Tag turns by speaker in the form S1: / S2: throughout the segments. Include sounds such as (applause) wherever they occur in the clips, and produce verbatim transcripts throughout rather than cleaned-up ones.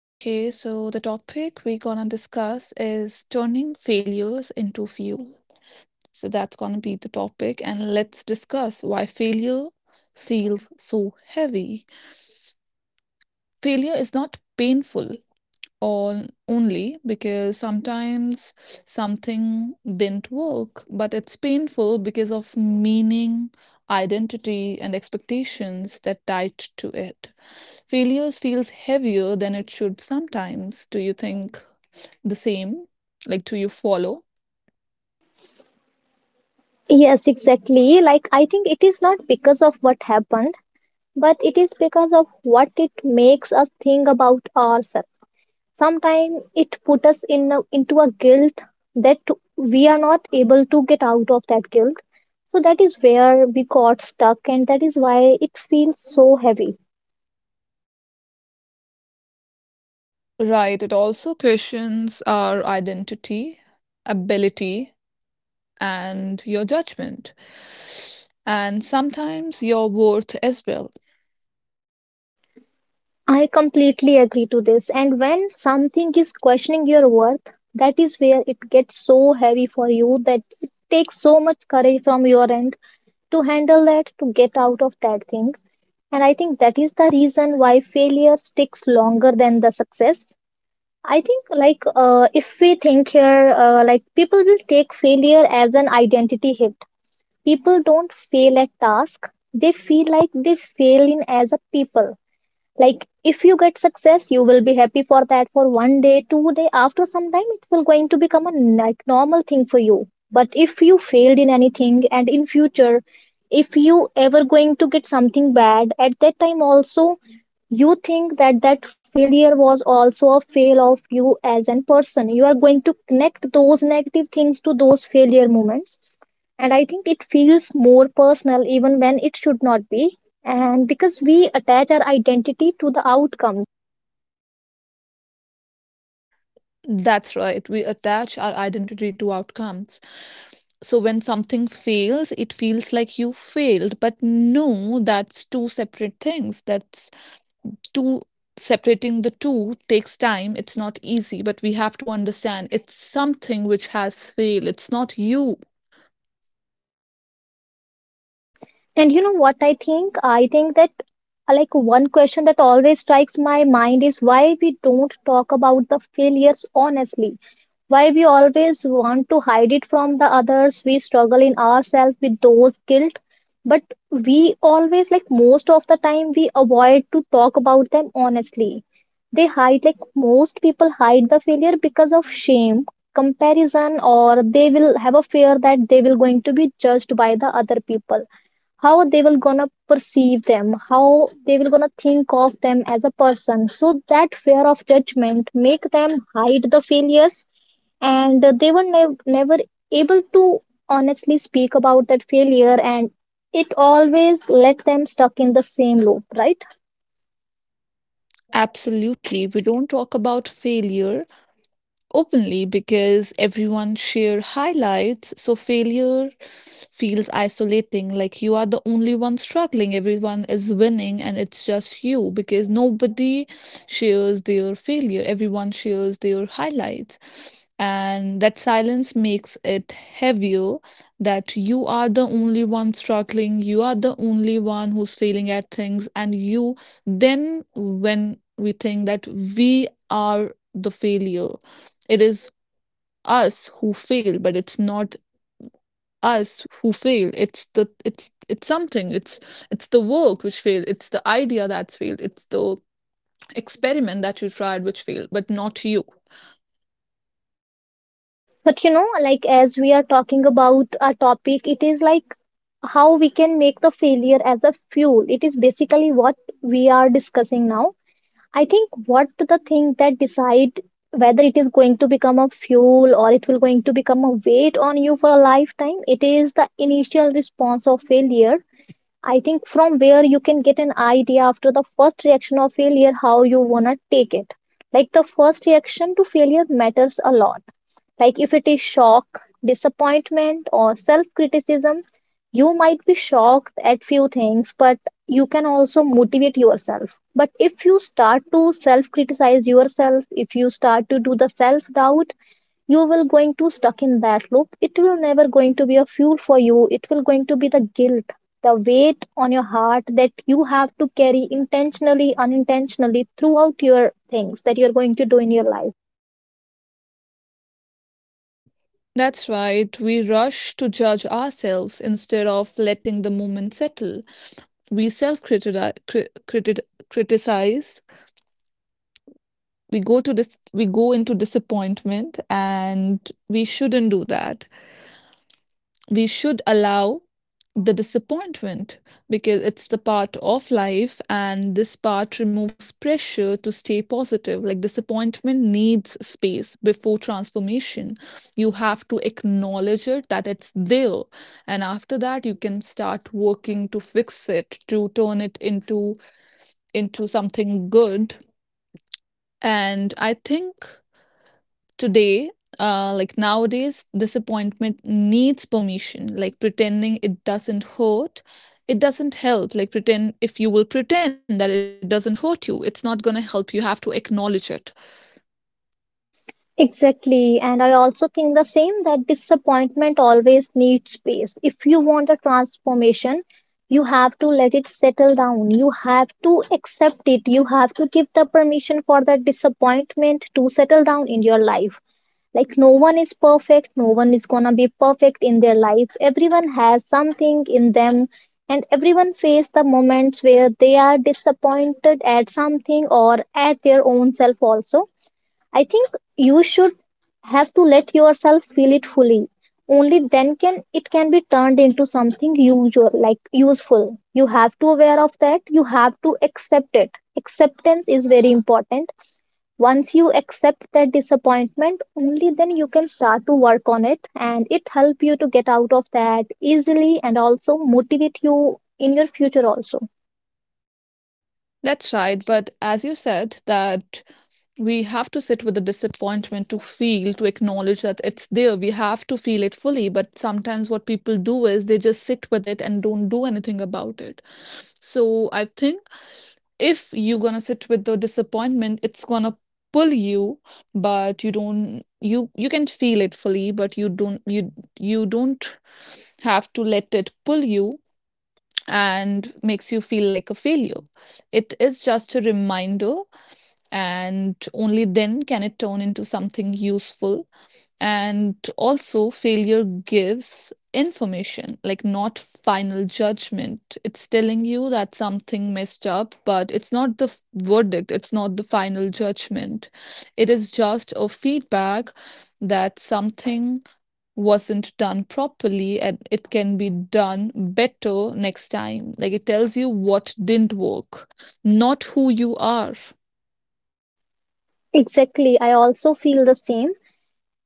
S1: Okay, so the topic we're gonna discuss is turning failures into fuel. So that's gonna be the topic, and let's discuss why failure feels so heavy. Failure is not painful, or only because sometimes something didn't work, but it's painful because of meaning, identity, and expectations that tied to it. Failures feels heavier than it should sometimes. Do you think the same? Like, do you follow?
S2: Yes, exactly. Like, I think it is not because of what happened, but it is because of what it makes us think about ourselves. Sometimes it puts us in a, into a guilt that we are not able to get out of that guilt. So that is where we got stuck, and that is why it feels so heavy.
S1: Right. It also questions our identity, ability, and your judgment, and sometimes your worth as well.
S2: I completely agree to this. And when something is questioning your worth, that is where it gets so heavy for you that it takes so much courage from your end to handle that, to get out of that thing. And I think that is the reason why failure sticks longer than the success. I think, like, uh, if we think here, uh, like, people will take failure as an identity hit. People don't fail at task, they feel like they fail in as a people. Like, if you get success you will be happy for that for one day two day. After some time it will going to become a like normal thing for you, but if you failed in anything and in future if you ever going to get something bad, at that time also you think that that failure was also a fail of you as an person. You are going to connect those negative things to those failure moments, and I think it feels more personal even when it should not be, and because we attach our identity to the outcome.
S1: That's right. We attach our identity to outcomes. So when something fails, it feels like you failed. But no, that's two separate things. That's two, separating the two takes time. It's not easy, but we have to understand it's something which has failed. It's not you.
S2: And you know what, i think i think that uh, like, one question that always strikes my mind is why we don't talk about the failures honestly. Why we always want to hide it from the others, we struggle in ourselves with those guilt, but we always, like, most of the time we avoid to talk about them honestly. They hide, like most people hide the failure because of shame, comparison, or they will have a fear that they will going to be judged by the other people. How they will gonna perceive them, how they will gonna think of them as a person. So that fear of judgment make them hide the failures, and they were nev- never able to honestly speak about that failure, and it always let them stuck in the same loop, right?
S1: Absolutely. We don't talk about failure openly because everyone share highlights, so failure feels isolating. Like, you are the only one struggling, everyone is winning and it's just you because nobody shares their failure, everyone shares their highlights, and that silence makes it heavier, that you are the only one struggling, you are the only one who's failing at things. And you then when we think that we are the failure, it is us who fail, but it's not us who fail. It's the it's it's something. It's it's the work which failed. It's the idea that's failed. It's the experiment that you tried which failed, but not you.
S2: But you know like, as we are talking about a topic, it is like how we can make the failure as a fuel. It is basically what we are discussing now. I think what the thing that decide whether it is going to become a fuel or it will going to become a weight on you for a lifetime, it is the initial response of failure. I think from where you can get an idea, after the first reaction of failure, how you wanna take it. Like, the first reaction to failure matters a lot. Like, if it is shock, disappointment, or self criticism, you might be shocked at few things, but you can also motivate yourself. But if you start to self criticize yourself, if you start to do the self doubt, you will going to stuck in that loop. It will never going to be a fuel for you. It will going to be the guilt, the weight on your heart that you have to carry intentionally, unintentionally throughout your things that you're going to do in your life.
S1: That's right. We rush to judge ourselves instead of letting the moment settle. We self criticize, we go to this we go into disappointment, and we shouldn't do that. We should allow the disappointment because it's the part of life, and this part removes pressure to stay positive. Like, disappointment needs space before transformation. You have to acknowledge it, that it's there, and after that you can start working to fix it, to turn it into into something good. And I think today, uh, like nowadays, disappointment needs permission. Like, pretending it doesn't hurt, it doesn't help. Like, pretend if you will pretend that it doesn't hurt you, it's not gonna help. You have to acknowledge it.
S2: Exactly. And I also think the same, that disappointment always needs space. If you want a transformation, you have to let it settle down. You have to accept it. You have to give the permission for that disappointment to settle down in your life. Like, no one is perfect. No one is gonna be perfect in their life. Everyone has something in them. And everyone face the moments where they are disappointed at something or at their own self also. I think you should have to let yourself feel it fully. Only then can it can be turned into something usual, like useful. You have to aware of that. You have to accept it. Acceptance is very important. Once you accept that disappointment, only then you can start to work on it, and it help you to get out of that easily, and also motivate you in your future also.
S1: That's right. But as you said, that we have to sit with the disappointment to feel, to acknowledge that it's there. We have to feel it fully. But sometimes what people do is they just sit with it and don't do anything about it. So I think if you're gonna sit with the disappointment, it's gonna pull you, but you don't you you can feel it fully, but you don't you you don't have to let it pull you and makes you feel like a failure. It is just a reminder, and only then can it turn into something useful. And also, failure gives information, like not final judgment. It's telling you that something messed up, but it's not the f- verdict, it's not the final judgment. It is just a feedback that something wasn't done properly and it can be done better next time. Like, it tells you what didn't work, not who you are.
S2: Exactly, I also feel the same.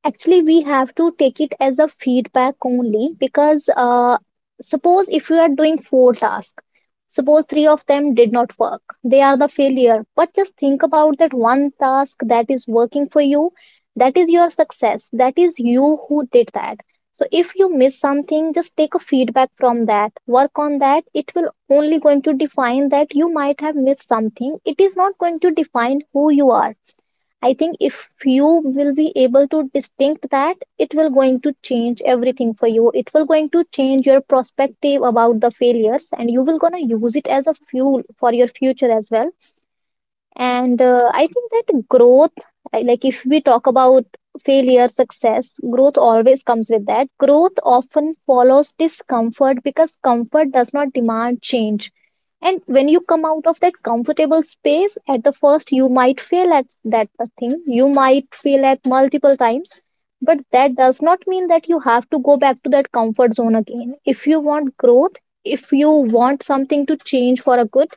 S2: Actually, we have to take it as a feedback only because uh, suppose if you are doing four tasks, suppose three of them did not work, they are the failure. But just think about that one task that is working for you, that is your success, that is you who did that. So if you miss something, just take a feedback from that, work on that. It will only going to define that you might have missed something. It is not going to define who you are. I think if you will be able to distinct that, it will going to change everything for you. It will going to change your perspective about the failures, and you will gonna use it as a fuel for your future as well. And uh, I think that growth, I- like, if we talk about failure, success, growth always comes with that. Growth often follows discomfort because comfort does not demand change. And when you come out of that comfortable space, at the first you might fail at that thing, you might fail at multiple times, but that does not mean that you have to go back to that comfort zone again. If you want growth, if you want something to change for a good,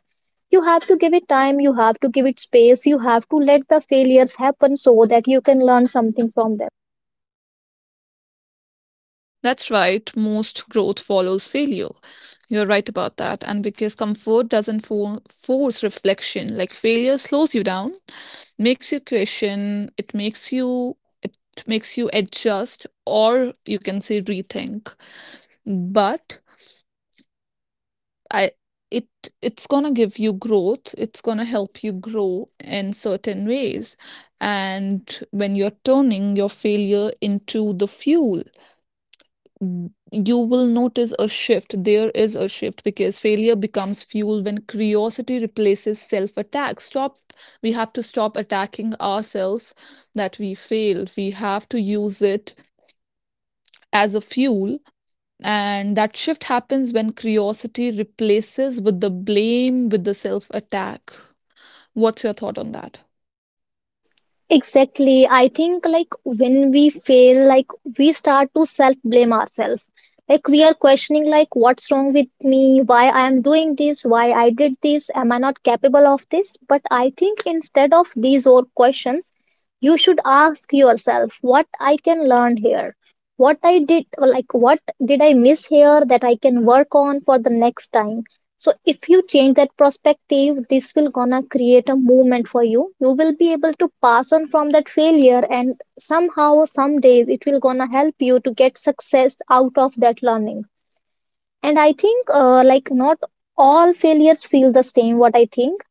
S2: you have to give it time, you have to give it space, you have to let the failures happen so that you can learn something from them.
S1: That's right, most growth follows failure. You're right about that. And because comfort doesn't fo- force reflection, like failure slows you down, makes you question, it makes you it makes you adjust, or you can say rethink. But I it it's gonna give you growth, it's gonna help you grow in certain ways. And when you're turning your failure into the fuel, n- you will notice a shift. There is a shift because failure becomes fuel when curiosity replaces self attack. Stop. We have to stop attacking ourselves, that we failed. We have to use it as a fuel. And that shift happens when curiosity replaces with the blame, with the self attack. What's your thought on that?
S2: Exactly. I think, like, when we fail, like, we start to self blame ourselves. Like, we are questioning like, what's wrong with me, why I am doing this, why I did this, am I not capable of this? But I think instead of these old questions, you should ask yourself what I can learn here. What I did, like, what did I miss here that I can work on for the next time? So if you change that perspective, this will gonna create a movement for you. You will be able to pass on from that failure, and somehow some days it will gonna help you to get success out of that learning. And I think uh, like, not all failures feel the same, what I think.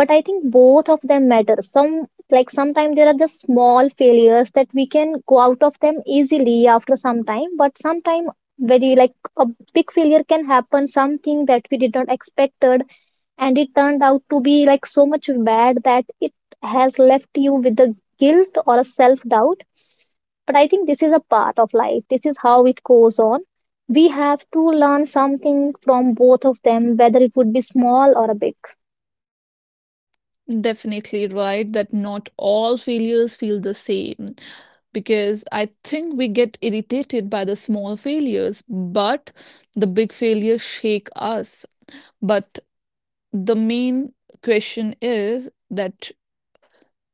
S2: But I think both of them matter. Some, like, sometimes there are just small failures that we can go out of them easily after some time, but sometimes very like a big failure can happen, something that we did not expected, and it turned out to be like so much bad that it has left you with a guilt or a self doubt. But I think this is a part of life, this is how it goes on. We have to learn something from both of them, whether it would be small or a big.
S1: Definitely right that not all failures feel the same because I think we get irritated by the small failures, but the big failures shake us. But the main question is that,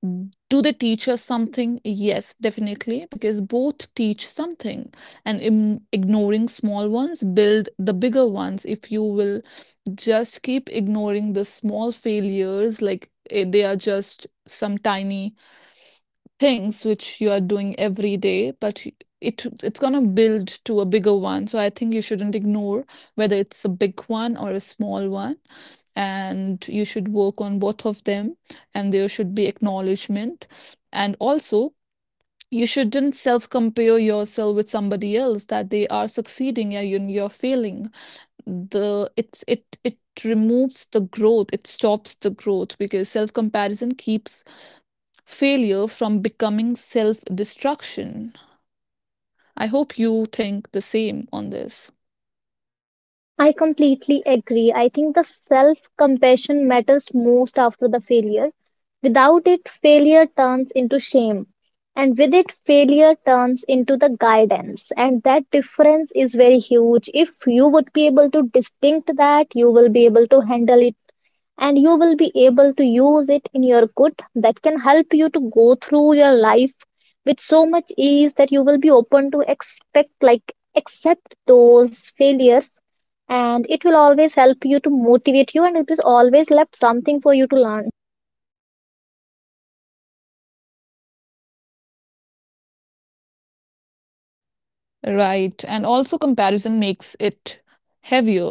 S1: Mm, do they teach us something? Yes, definitely, because both teach something, and im- ignoring small ones build the bigger ones. If you will just keep ignoring the small failures, like, eh, they are just some tiny things which you are doing every day, but y- it it's going to build to a bigger one. So I think you shouldn't ignore whether it's a big one or a small one, and you should work on both of them. And there should be acknowledgement. And also, you shouldn't self compare yourself with somebody else, that they are succeeding and you- you're failing. The it's it it removes the growth, it stops the growth, because self comparison keeps failure from becoming self destruction. I hope you think the same on this.
S2: I completely agree. I think the self compassion matters most after the failure. Without it, failure turns into shame. And with it, failure turns into the guidance. And that difference is very huge. If you would be able to distinct that, you will be able to handle it and you will be able to use it in your good that can help you to go through your life with so much ease that you will be open to expect, like accept those failures, and it will always help you to motivate you, and it is always left something for you to learn.
S1: Right. And also, comparison makes it heavier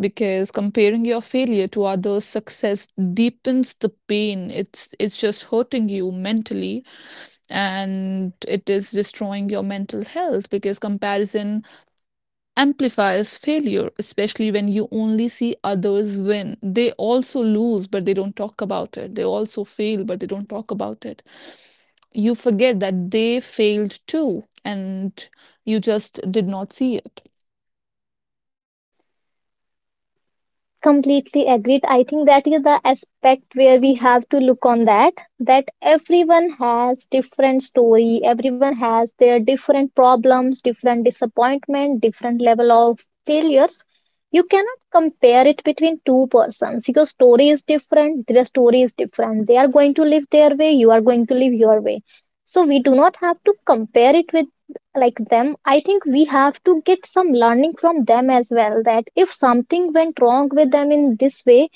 S1: because comparing your failure to others' success deepens the pain. It's, it's just hurting you mentally and it is destroying your mental health because comparison amplifies failure, especially when you only see others win. They also lose, but they don't talk about it. They also fail, but they don't talk about it. You forget that they failed too, and you just did not see it.
S2: Completely agreed. I think that is the aspect where we have to look on, that that everyone has different story, everyone has their different problems, different disappointment, different level of failures. You cannot compare it between two persons. Your story is different, their story is different. They are going to live their way, you are going to live your way. So we do not have to compare it with like them. I think we have to get some learning from them as well, that if something went wrong with them in this way,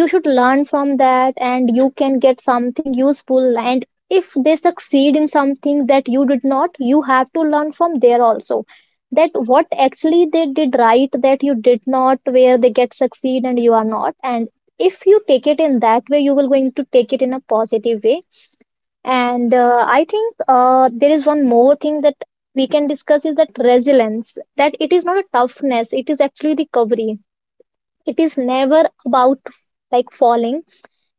S2: you should learn from that and you can get something useful. And if they succeed in something that you did not, you have to learn from there also, that what actually they did right that you did not, where they get succeed and you are not. And if you take it in that way, you will going to take it in a positive way. And uh, I think uh, there is one more thing that we can discuss, is that resilience, that it is not a toughness, it is actually recovery. It is never about like falling,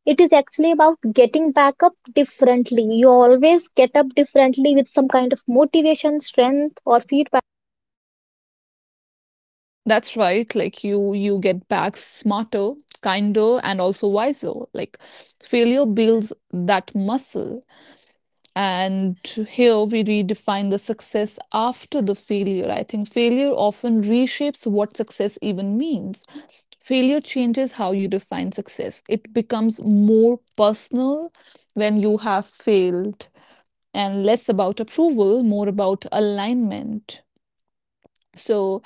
S2: it is actually about getting back up differently. You always get up differently with some kind of motivation, strength, or feedback.
S1: That's right. Like, you, you get back smarter, kinder, and also wiser. Like, failure builds that muscle. And here we redefine the success after the failure. I think failure often reshapes what success even means. Failure changes how you define success, it becomes more personal when you have failed, and less about approval, more about alignment. So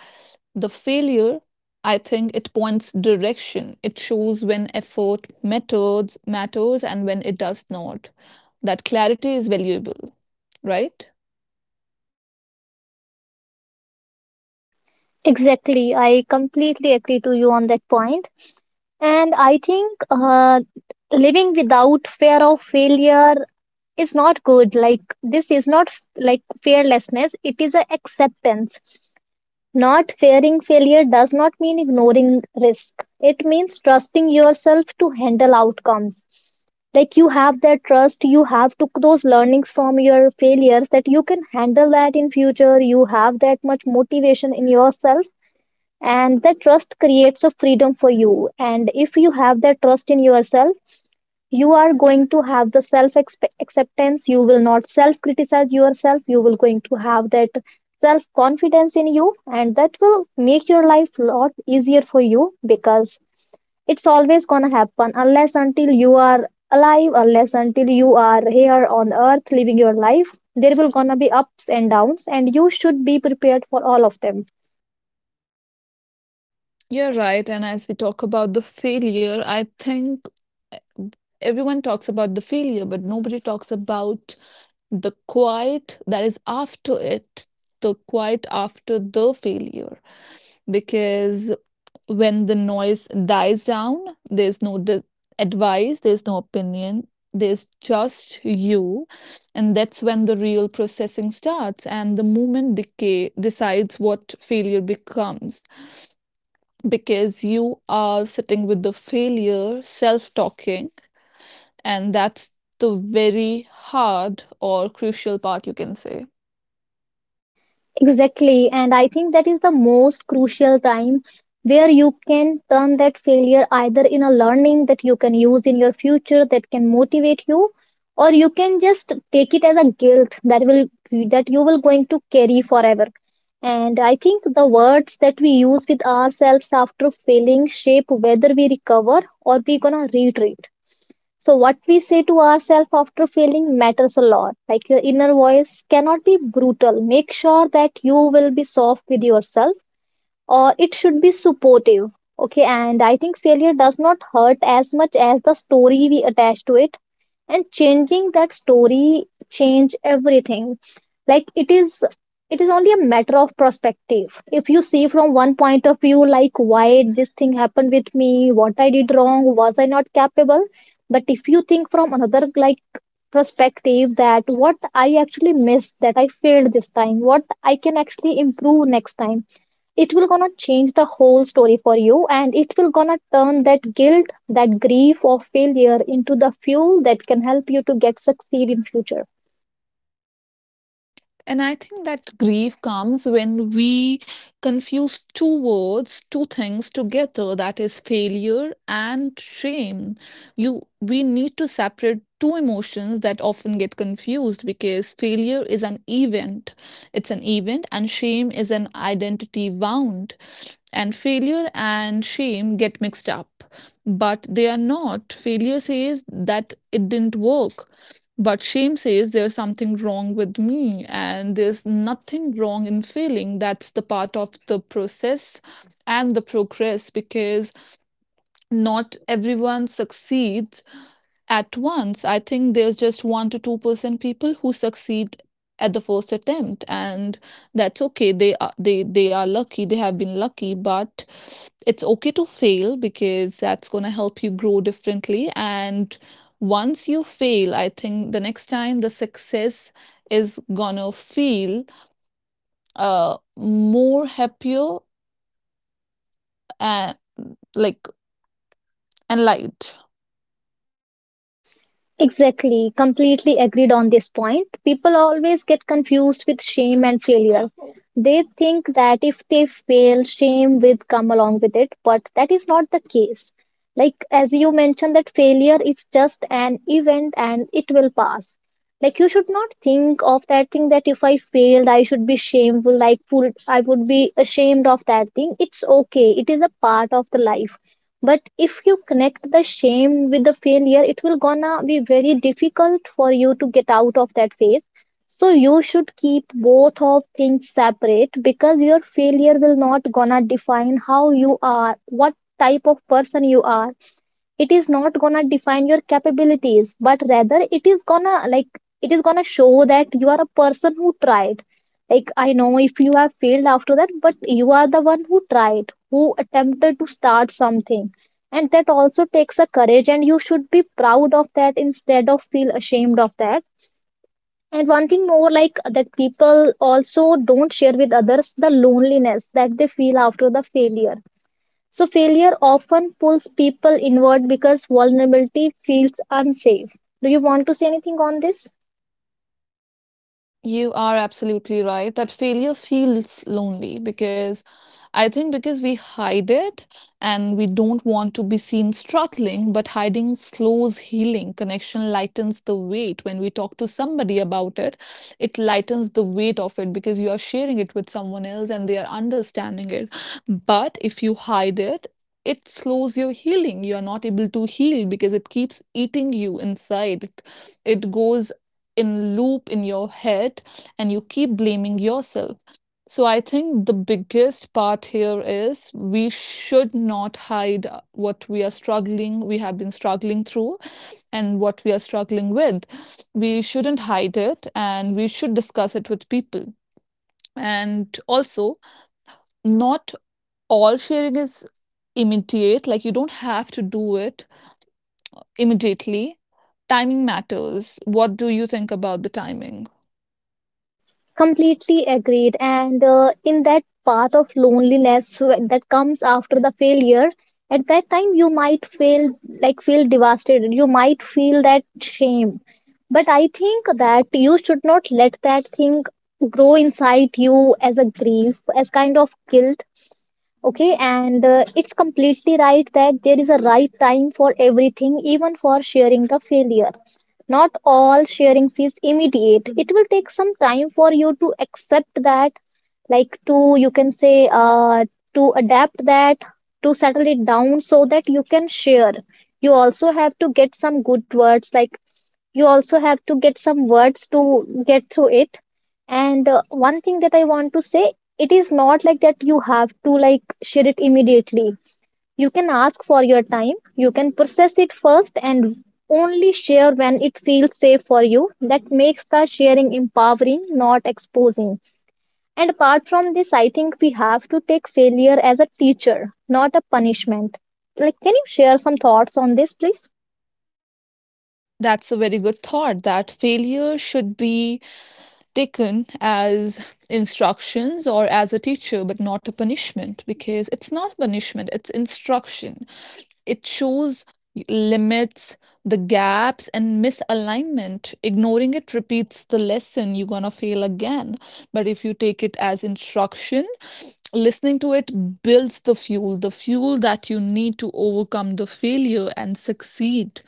S1: the failure. I think it points direction. It shows when effort methods matters and when it does not. That clarity is valuable, right?
S2: Exactly, I completely agree to you on that point. And I think uh, living without fear of failure is not good, like this is not f- like fearlessness, it is a acceptance. Not fearing failure does not mean ignoring risk, it means trusting yourself to handle outcomes. Like you have that trust, you have took those learnings from your failures that you can handle that in future, you have that much motivation in yourself, and that trust creates a freedom for you. And if you have that trust in yourself, you are going to have the self acceptance. You will not self criticize yourself. You will going to have that self confidence in you, and that will make your life a lot easier for you, because it's always gonna happen unless until you are alive, unless until you are here on earth living your life. There will gonna be ups and downs, and you should be prepared for all of them.
S1: You're right. And as we talk about the failure, I think everyone talks about the failure, but nobody talks about the quiet that is after it, the quiet after the failure. Because when the noise dies down, there's no d advice, there's no opinion, there's just you. And that's when the real processing starts and the moment decay decides what failure becomes, because you are sitting with the failure, self talking, and that's the very hard or crucial part, you can say.
S2: Exactly. And I think that is the most crucial time where you can turn that failure either in a learning that you can use in your future that can motivate you, or you can just take it as a guilt that will that you will going to carry forever. And I think the words that we use with ourselves after failing shape whether we recover or we gonna retreat. So, what we say to ourselves after failing matters a lot. Like your inner voice cannot be brutal. Make sure that you will be soft with yourself, or it should be supportive. Okay, and I think failure does not hurt as much as the story we attach to it, and changing that story change everything. Like it is it is only a matter of perspective. If you see from one point of view, like why this thing happened with me, what I did wrong, was I not capable? But if you think from another like perspective, that what I actually missed, that I failed this time, what I can actually improve next time, it will gonna change the whole story for you, and it will gonna turn that guilt, that grief or failure into the fuel that can help you to get succeed in future.
S1: And I think that grief comes when we confuse two words, two things together, that is failure and shame. You we need to separate two emotions that often get confused because failure is an event. It's an event and shame is an identity wound. And failure and shame get mixed up. But they are not. Failure says that it didn't work. But shame says there's something wrong with me, and there's nothing wrong in failing. That's the part of the process and the progress because not everyone succeeds at once. I think there's just one to two percent people who succeed at the first attempt. And that's okay, they are they they are lucky, they have been lucky. But it's okay to fail because that's going to help you grow differently. And once you fail, I think the next time the success is going to feel uh more happier and, like, and light.
S2: Exactly, completely agreed on this point. People always get confused with shame and failure. They think that if they fail, shame will come along with it, but that is not the case. Like, as you mentioned, that failure is just an event and it will pass. Like, you should not think of that thing that if I failed, I should be shameful, like, full- I would be ashamed of that thing. It's okay, it is a part of the life. But if you connect the shame with the failure, it will gonna be very difficult for you to get out of that phase. So you should keep both of things separate, because your failure will not gonna define how you are, what type of person you are, it is not gonna define your capabilities, but rather it is gonna like it is gonna show that you are a person who tried. Like I know if you have failed after that, but you are the one who tried, who attempted to start something, and that also takes a courage, and you should be proud of that instead of feel ashamed of that. And one thing more like that, people also don't share with others the loneliness that they feel after the failure. So failure often pulls people inward because vulnerability feels unsafe. Do you want to say anything on this?
S1: You are absolutely right that failure feels lonely because I think because we hide it and we don't want to be seen struggling, but hiding slows healing. Connection lightens the weight. When we talk to somebody about it, it lightens the weight of it because you are sharing it with someone else and they are understanding it. But if you hide it, it slows your healing. You are not able to heal because it keeps eating you inside. It, it goes in loop in your head and you keep blaming yourself. So I think the biggest part here is we should not hide uh, what we are struggling, we have been struggling through, and what we are struggling with. We shouldn't hide it and we should discuss it with people. And also, not all sharing is immediate, like, you don't have to do it immediately. Timing matters. What do you think about the timing?
S2: Completely agreed. And uh, in that path of loneliness wh- that comes after the failure, at that time you might feel like feel devastated. You might feel that shame. But I think that you should not let that thing grow inside you as a grief, as kind of guilt. Okay, and uh, it's completely right that there is a right time for everything, even for sharing the failure. Not all sharing is immediate. It will take some time for you to accept that, like to, you can say, uh, to adapt that, to settle it down so that you can share. You also have to get some good words, like you also have to get some words to get through it. And uh, one thing that I want to say, it is not like that you have to like share it immediately, you can ask for your time, you can process it first, and only share when it feels safe for you. That makes the sharing empowering, not exposing. And apart from this, I think we have to take failure as a teacher, not a punishment. Like, can you share some thoughts on this, please?
S1: That's a very good thought, that failure should be taken as instructions or as a teacher, but not a punishment, because it's not punishment, it's instruction. It shows limits, the gaps, and misalignment. Ignoring it repeats the lesson, you're gonna fail again. But if you take it as instruction, listening to it builds the fuel, the fuel that you need to overcome the failure and succeed.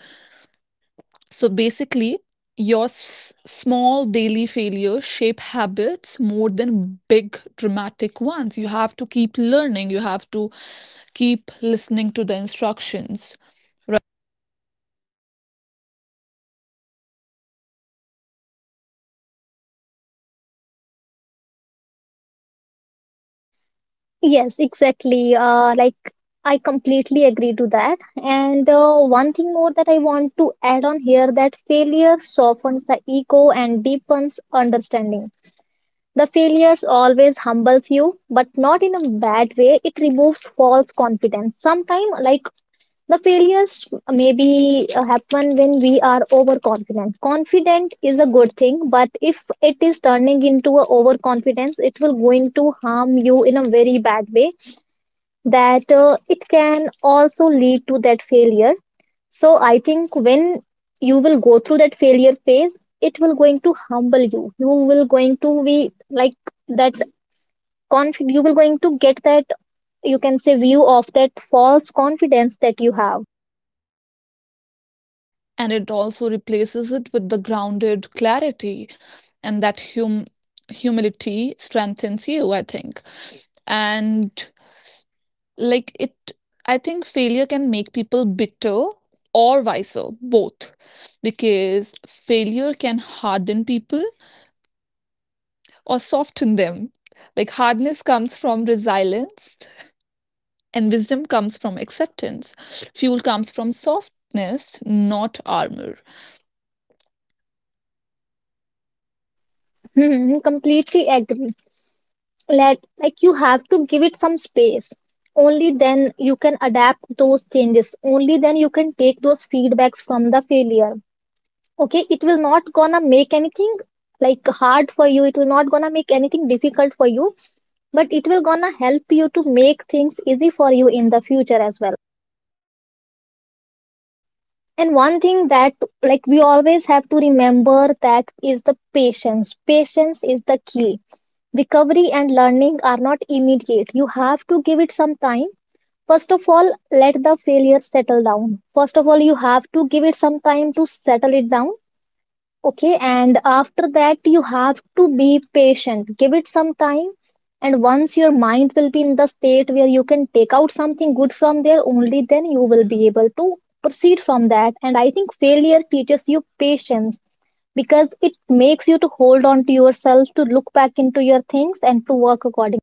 S1: So basically, your s- small daily failures shape habits more than big dramatic ones. You have to keep learning, you have to keep listening to the instructions, right?
S2: Yes, exactly. Uh, like I completely agree to that. And uh, one thing more that I want to add on here, that failure softens the ego and deepens understanding. The failures always humbles you, but not in a bad way. It removes false confidence. Sometimes, like the failures maybe uh, happen when we are overconfident. Confident is a good thing, but if it is turning into a overconfidence, it will going to harm you in a very bad way, that uh, it can also lead to that failure. So I think when you will go through that failure phase, it will going to humble you, you will going to be like that conf- you will going to get that, you can say, view of that false confidence that you have.
S1: And it also replaces it with the grounded clarity, and that hum- humility strengthens you, I think. And, like, it I think failure can make people bitter or wiser, both, because failure can harden people or soften them. Like, hardness comes from resilience and wisdom comes from acceptance. Fuel comes from softness, not armor.
S2: (laughs) Hmm, completely agree. Let like you have to give it some space, only then you can adapt those changes, only then you can take those feedbacks from the failure. Okay, it will not gonna make anything like hard for you. It will not gonna make anything difficult for you, but it will gonna help you to make things easy for you in the future as well. And one thing that, like, we always have to remember, that is the patience. Patience is the key. Recovery and learning are not immediate. You have to give it some time. First of all, let the failure settle down. First of all, you have to give it some time to settle it down. Okay, and after that, you have to be patient. Give it some time, and once your mind will be in the state where you can take out something good from there, only then you will be able to proceed from that. And I think failure teaches you patience because it makes you to hold on to yourself, to look back into your things, and to work accordingly.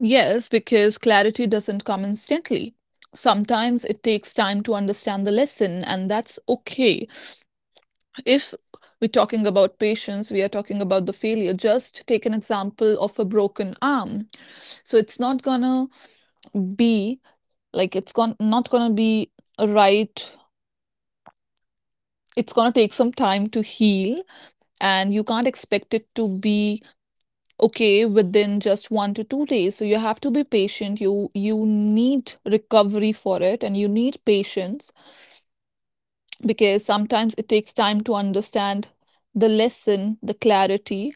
S1: Yes, because clarity doesn't come instantly. Sometimes it takes time to understand the lesson, and that's okay. If we're talking about patience, we are talking about the failure. Just take an example of a broken arm. So it's not gonna be, like, it's gon- not gonna be a right. It's gonna take some time to heal, and you can't expect it to be okay within just one to two days. So you have to be patient, you you need recovery for it and you need patience, because sometimes it takes time to understand the lesson, the clarity.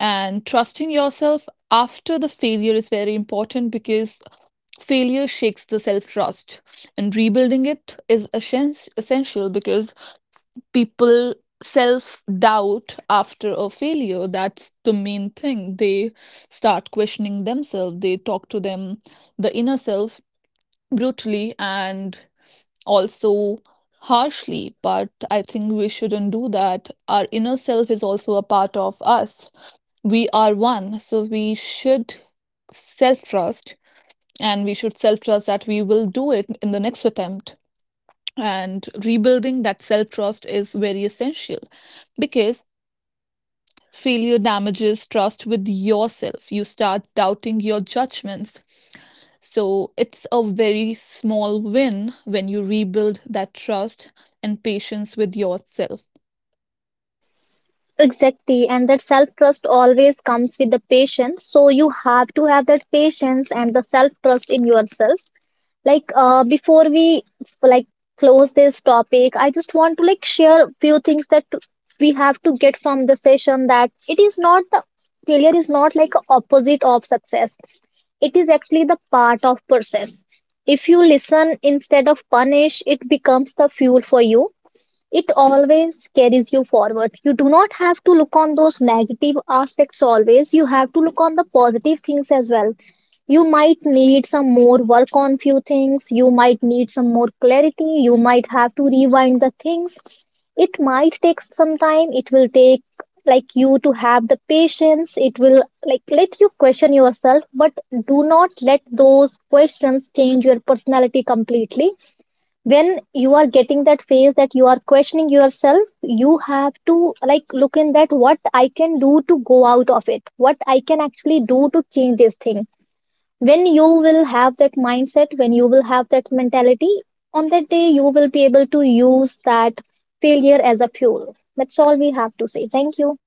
S1: And trusting yourself after the failure is very important because failure shakes the self trust, and rebuilding it is essen- essential, because people self doubt after a failure. That's the main thing, they start questioning themselves, they talk to them, the inner self, brutally and also harshly. But I think we shouldn't do that. Our inner self is also a part of us, we are one. So we should self trust, and we should self trust that we will do it in the next attempt. And rebuilding that self trust is very essential because failure damages trust with yourself. You start doubting your judgments. So it's a very small win when you rebuild that trust and patience with yourself.
S2: Exactly, and that self trust always comes with the patience. So you have to have that patience and the self trust in yourself. Like uh, before we like close this topic, I just want to like share few things that we have to get from the session, that it is not the failure is not like a opposite of success. It is actually the part of process. If you listen instead of punish, it becomes the fuel for you. It always carries you forward, you do not have to look on those negative aspects, always you have to look on the positive things as well. You might need some more work on few things, you might need some more clarity, you might have to rewind the things. It might take some time, it will take like you to have the patience, it will like let you question yourself, but do not let those questions change your personality completely. When you are getting that phase, that you are questioning yourself, you have to like look in that, what I can do to go out of it, what I can actually do to change this thing. When you will have that mindset, when you will have that mentality, on that day you will be able to use that failure as a fuel. That's all we have to say. Thank you.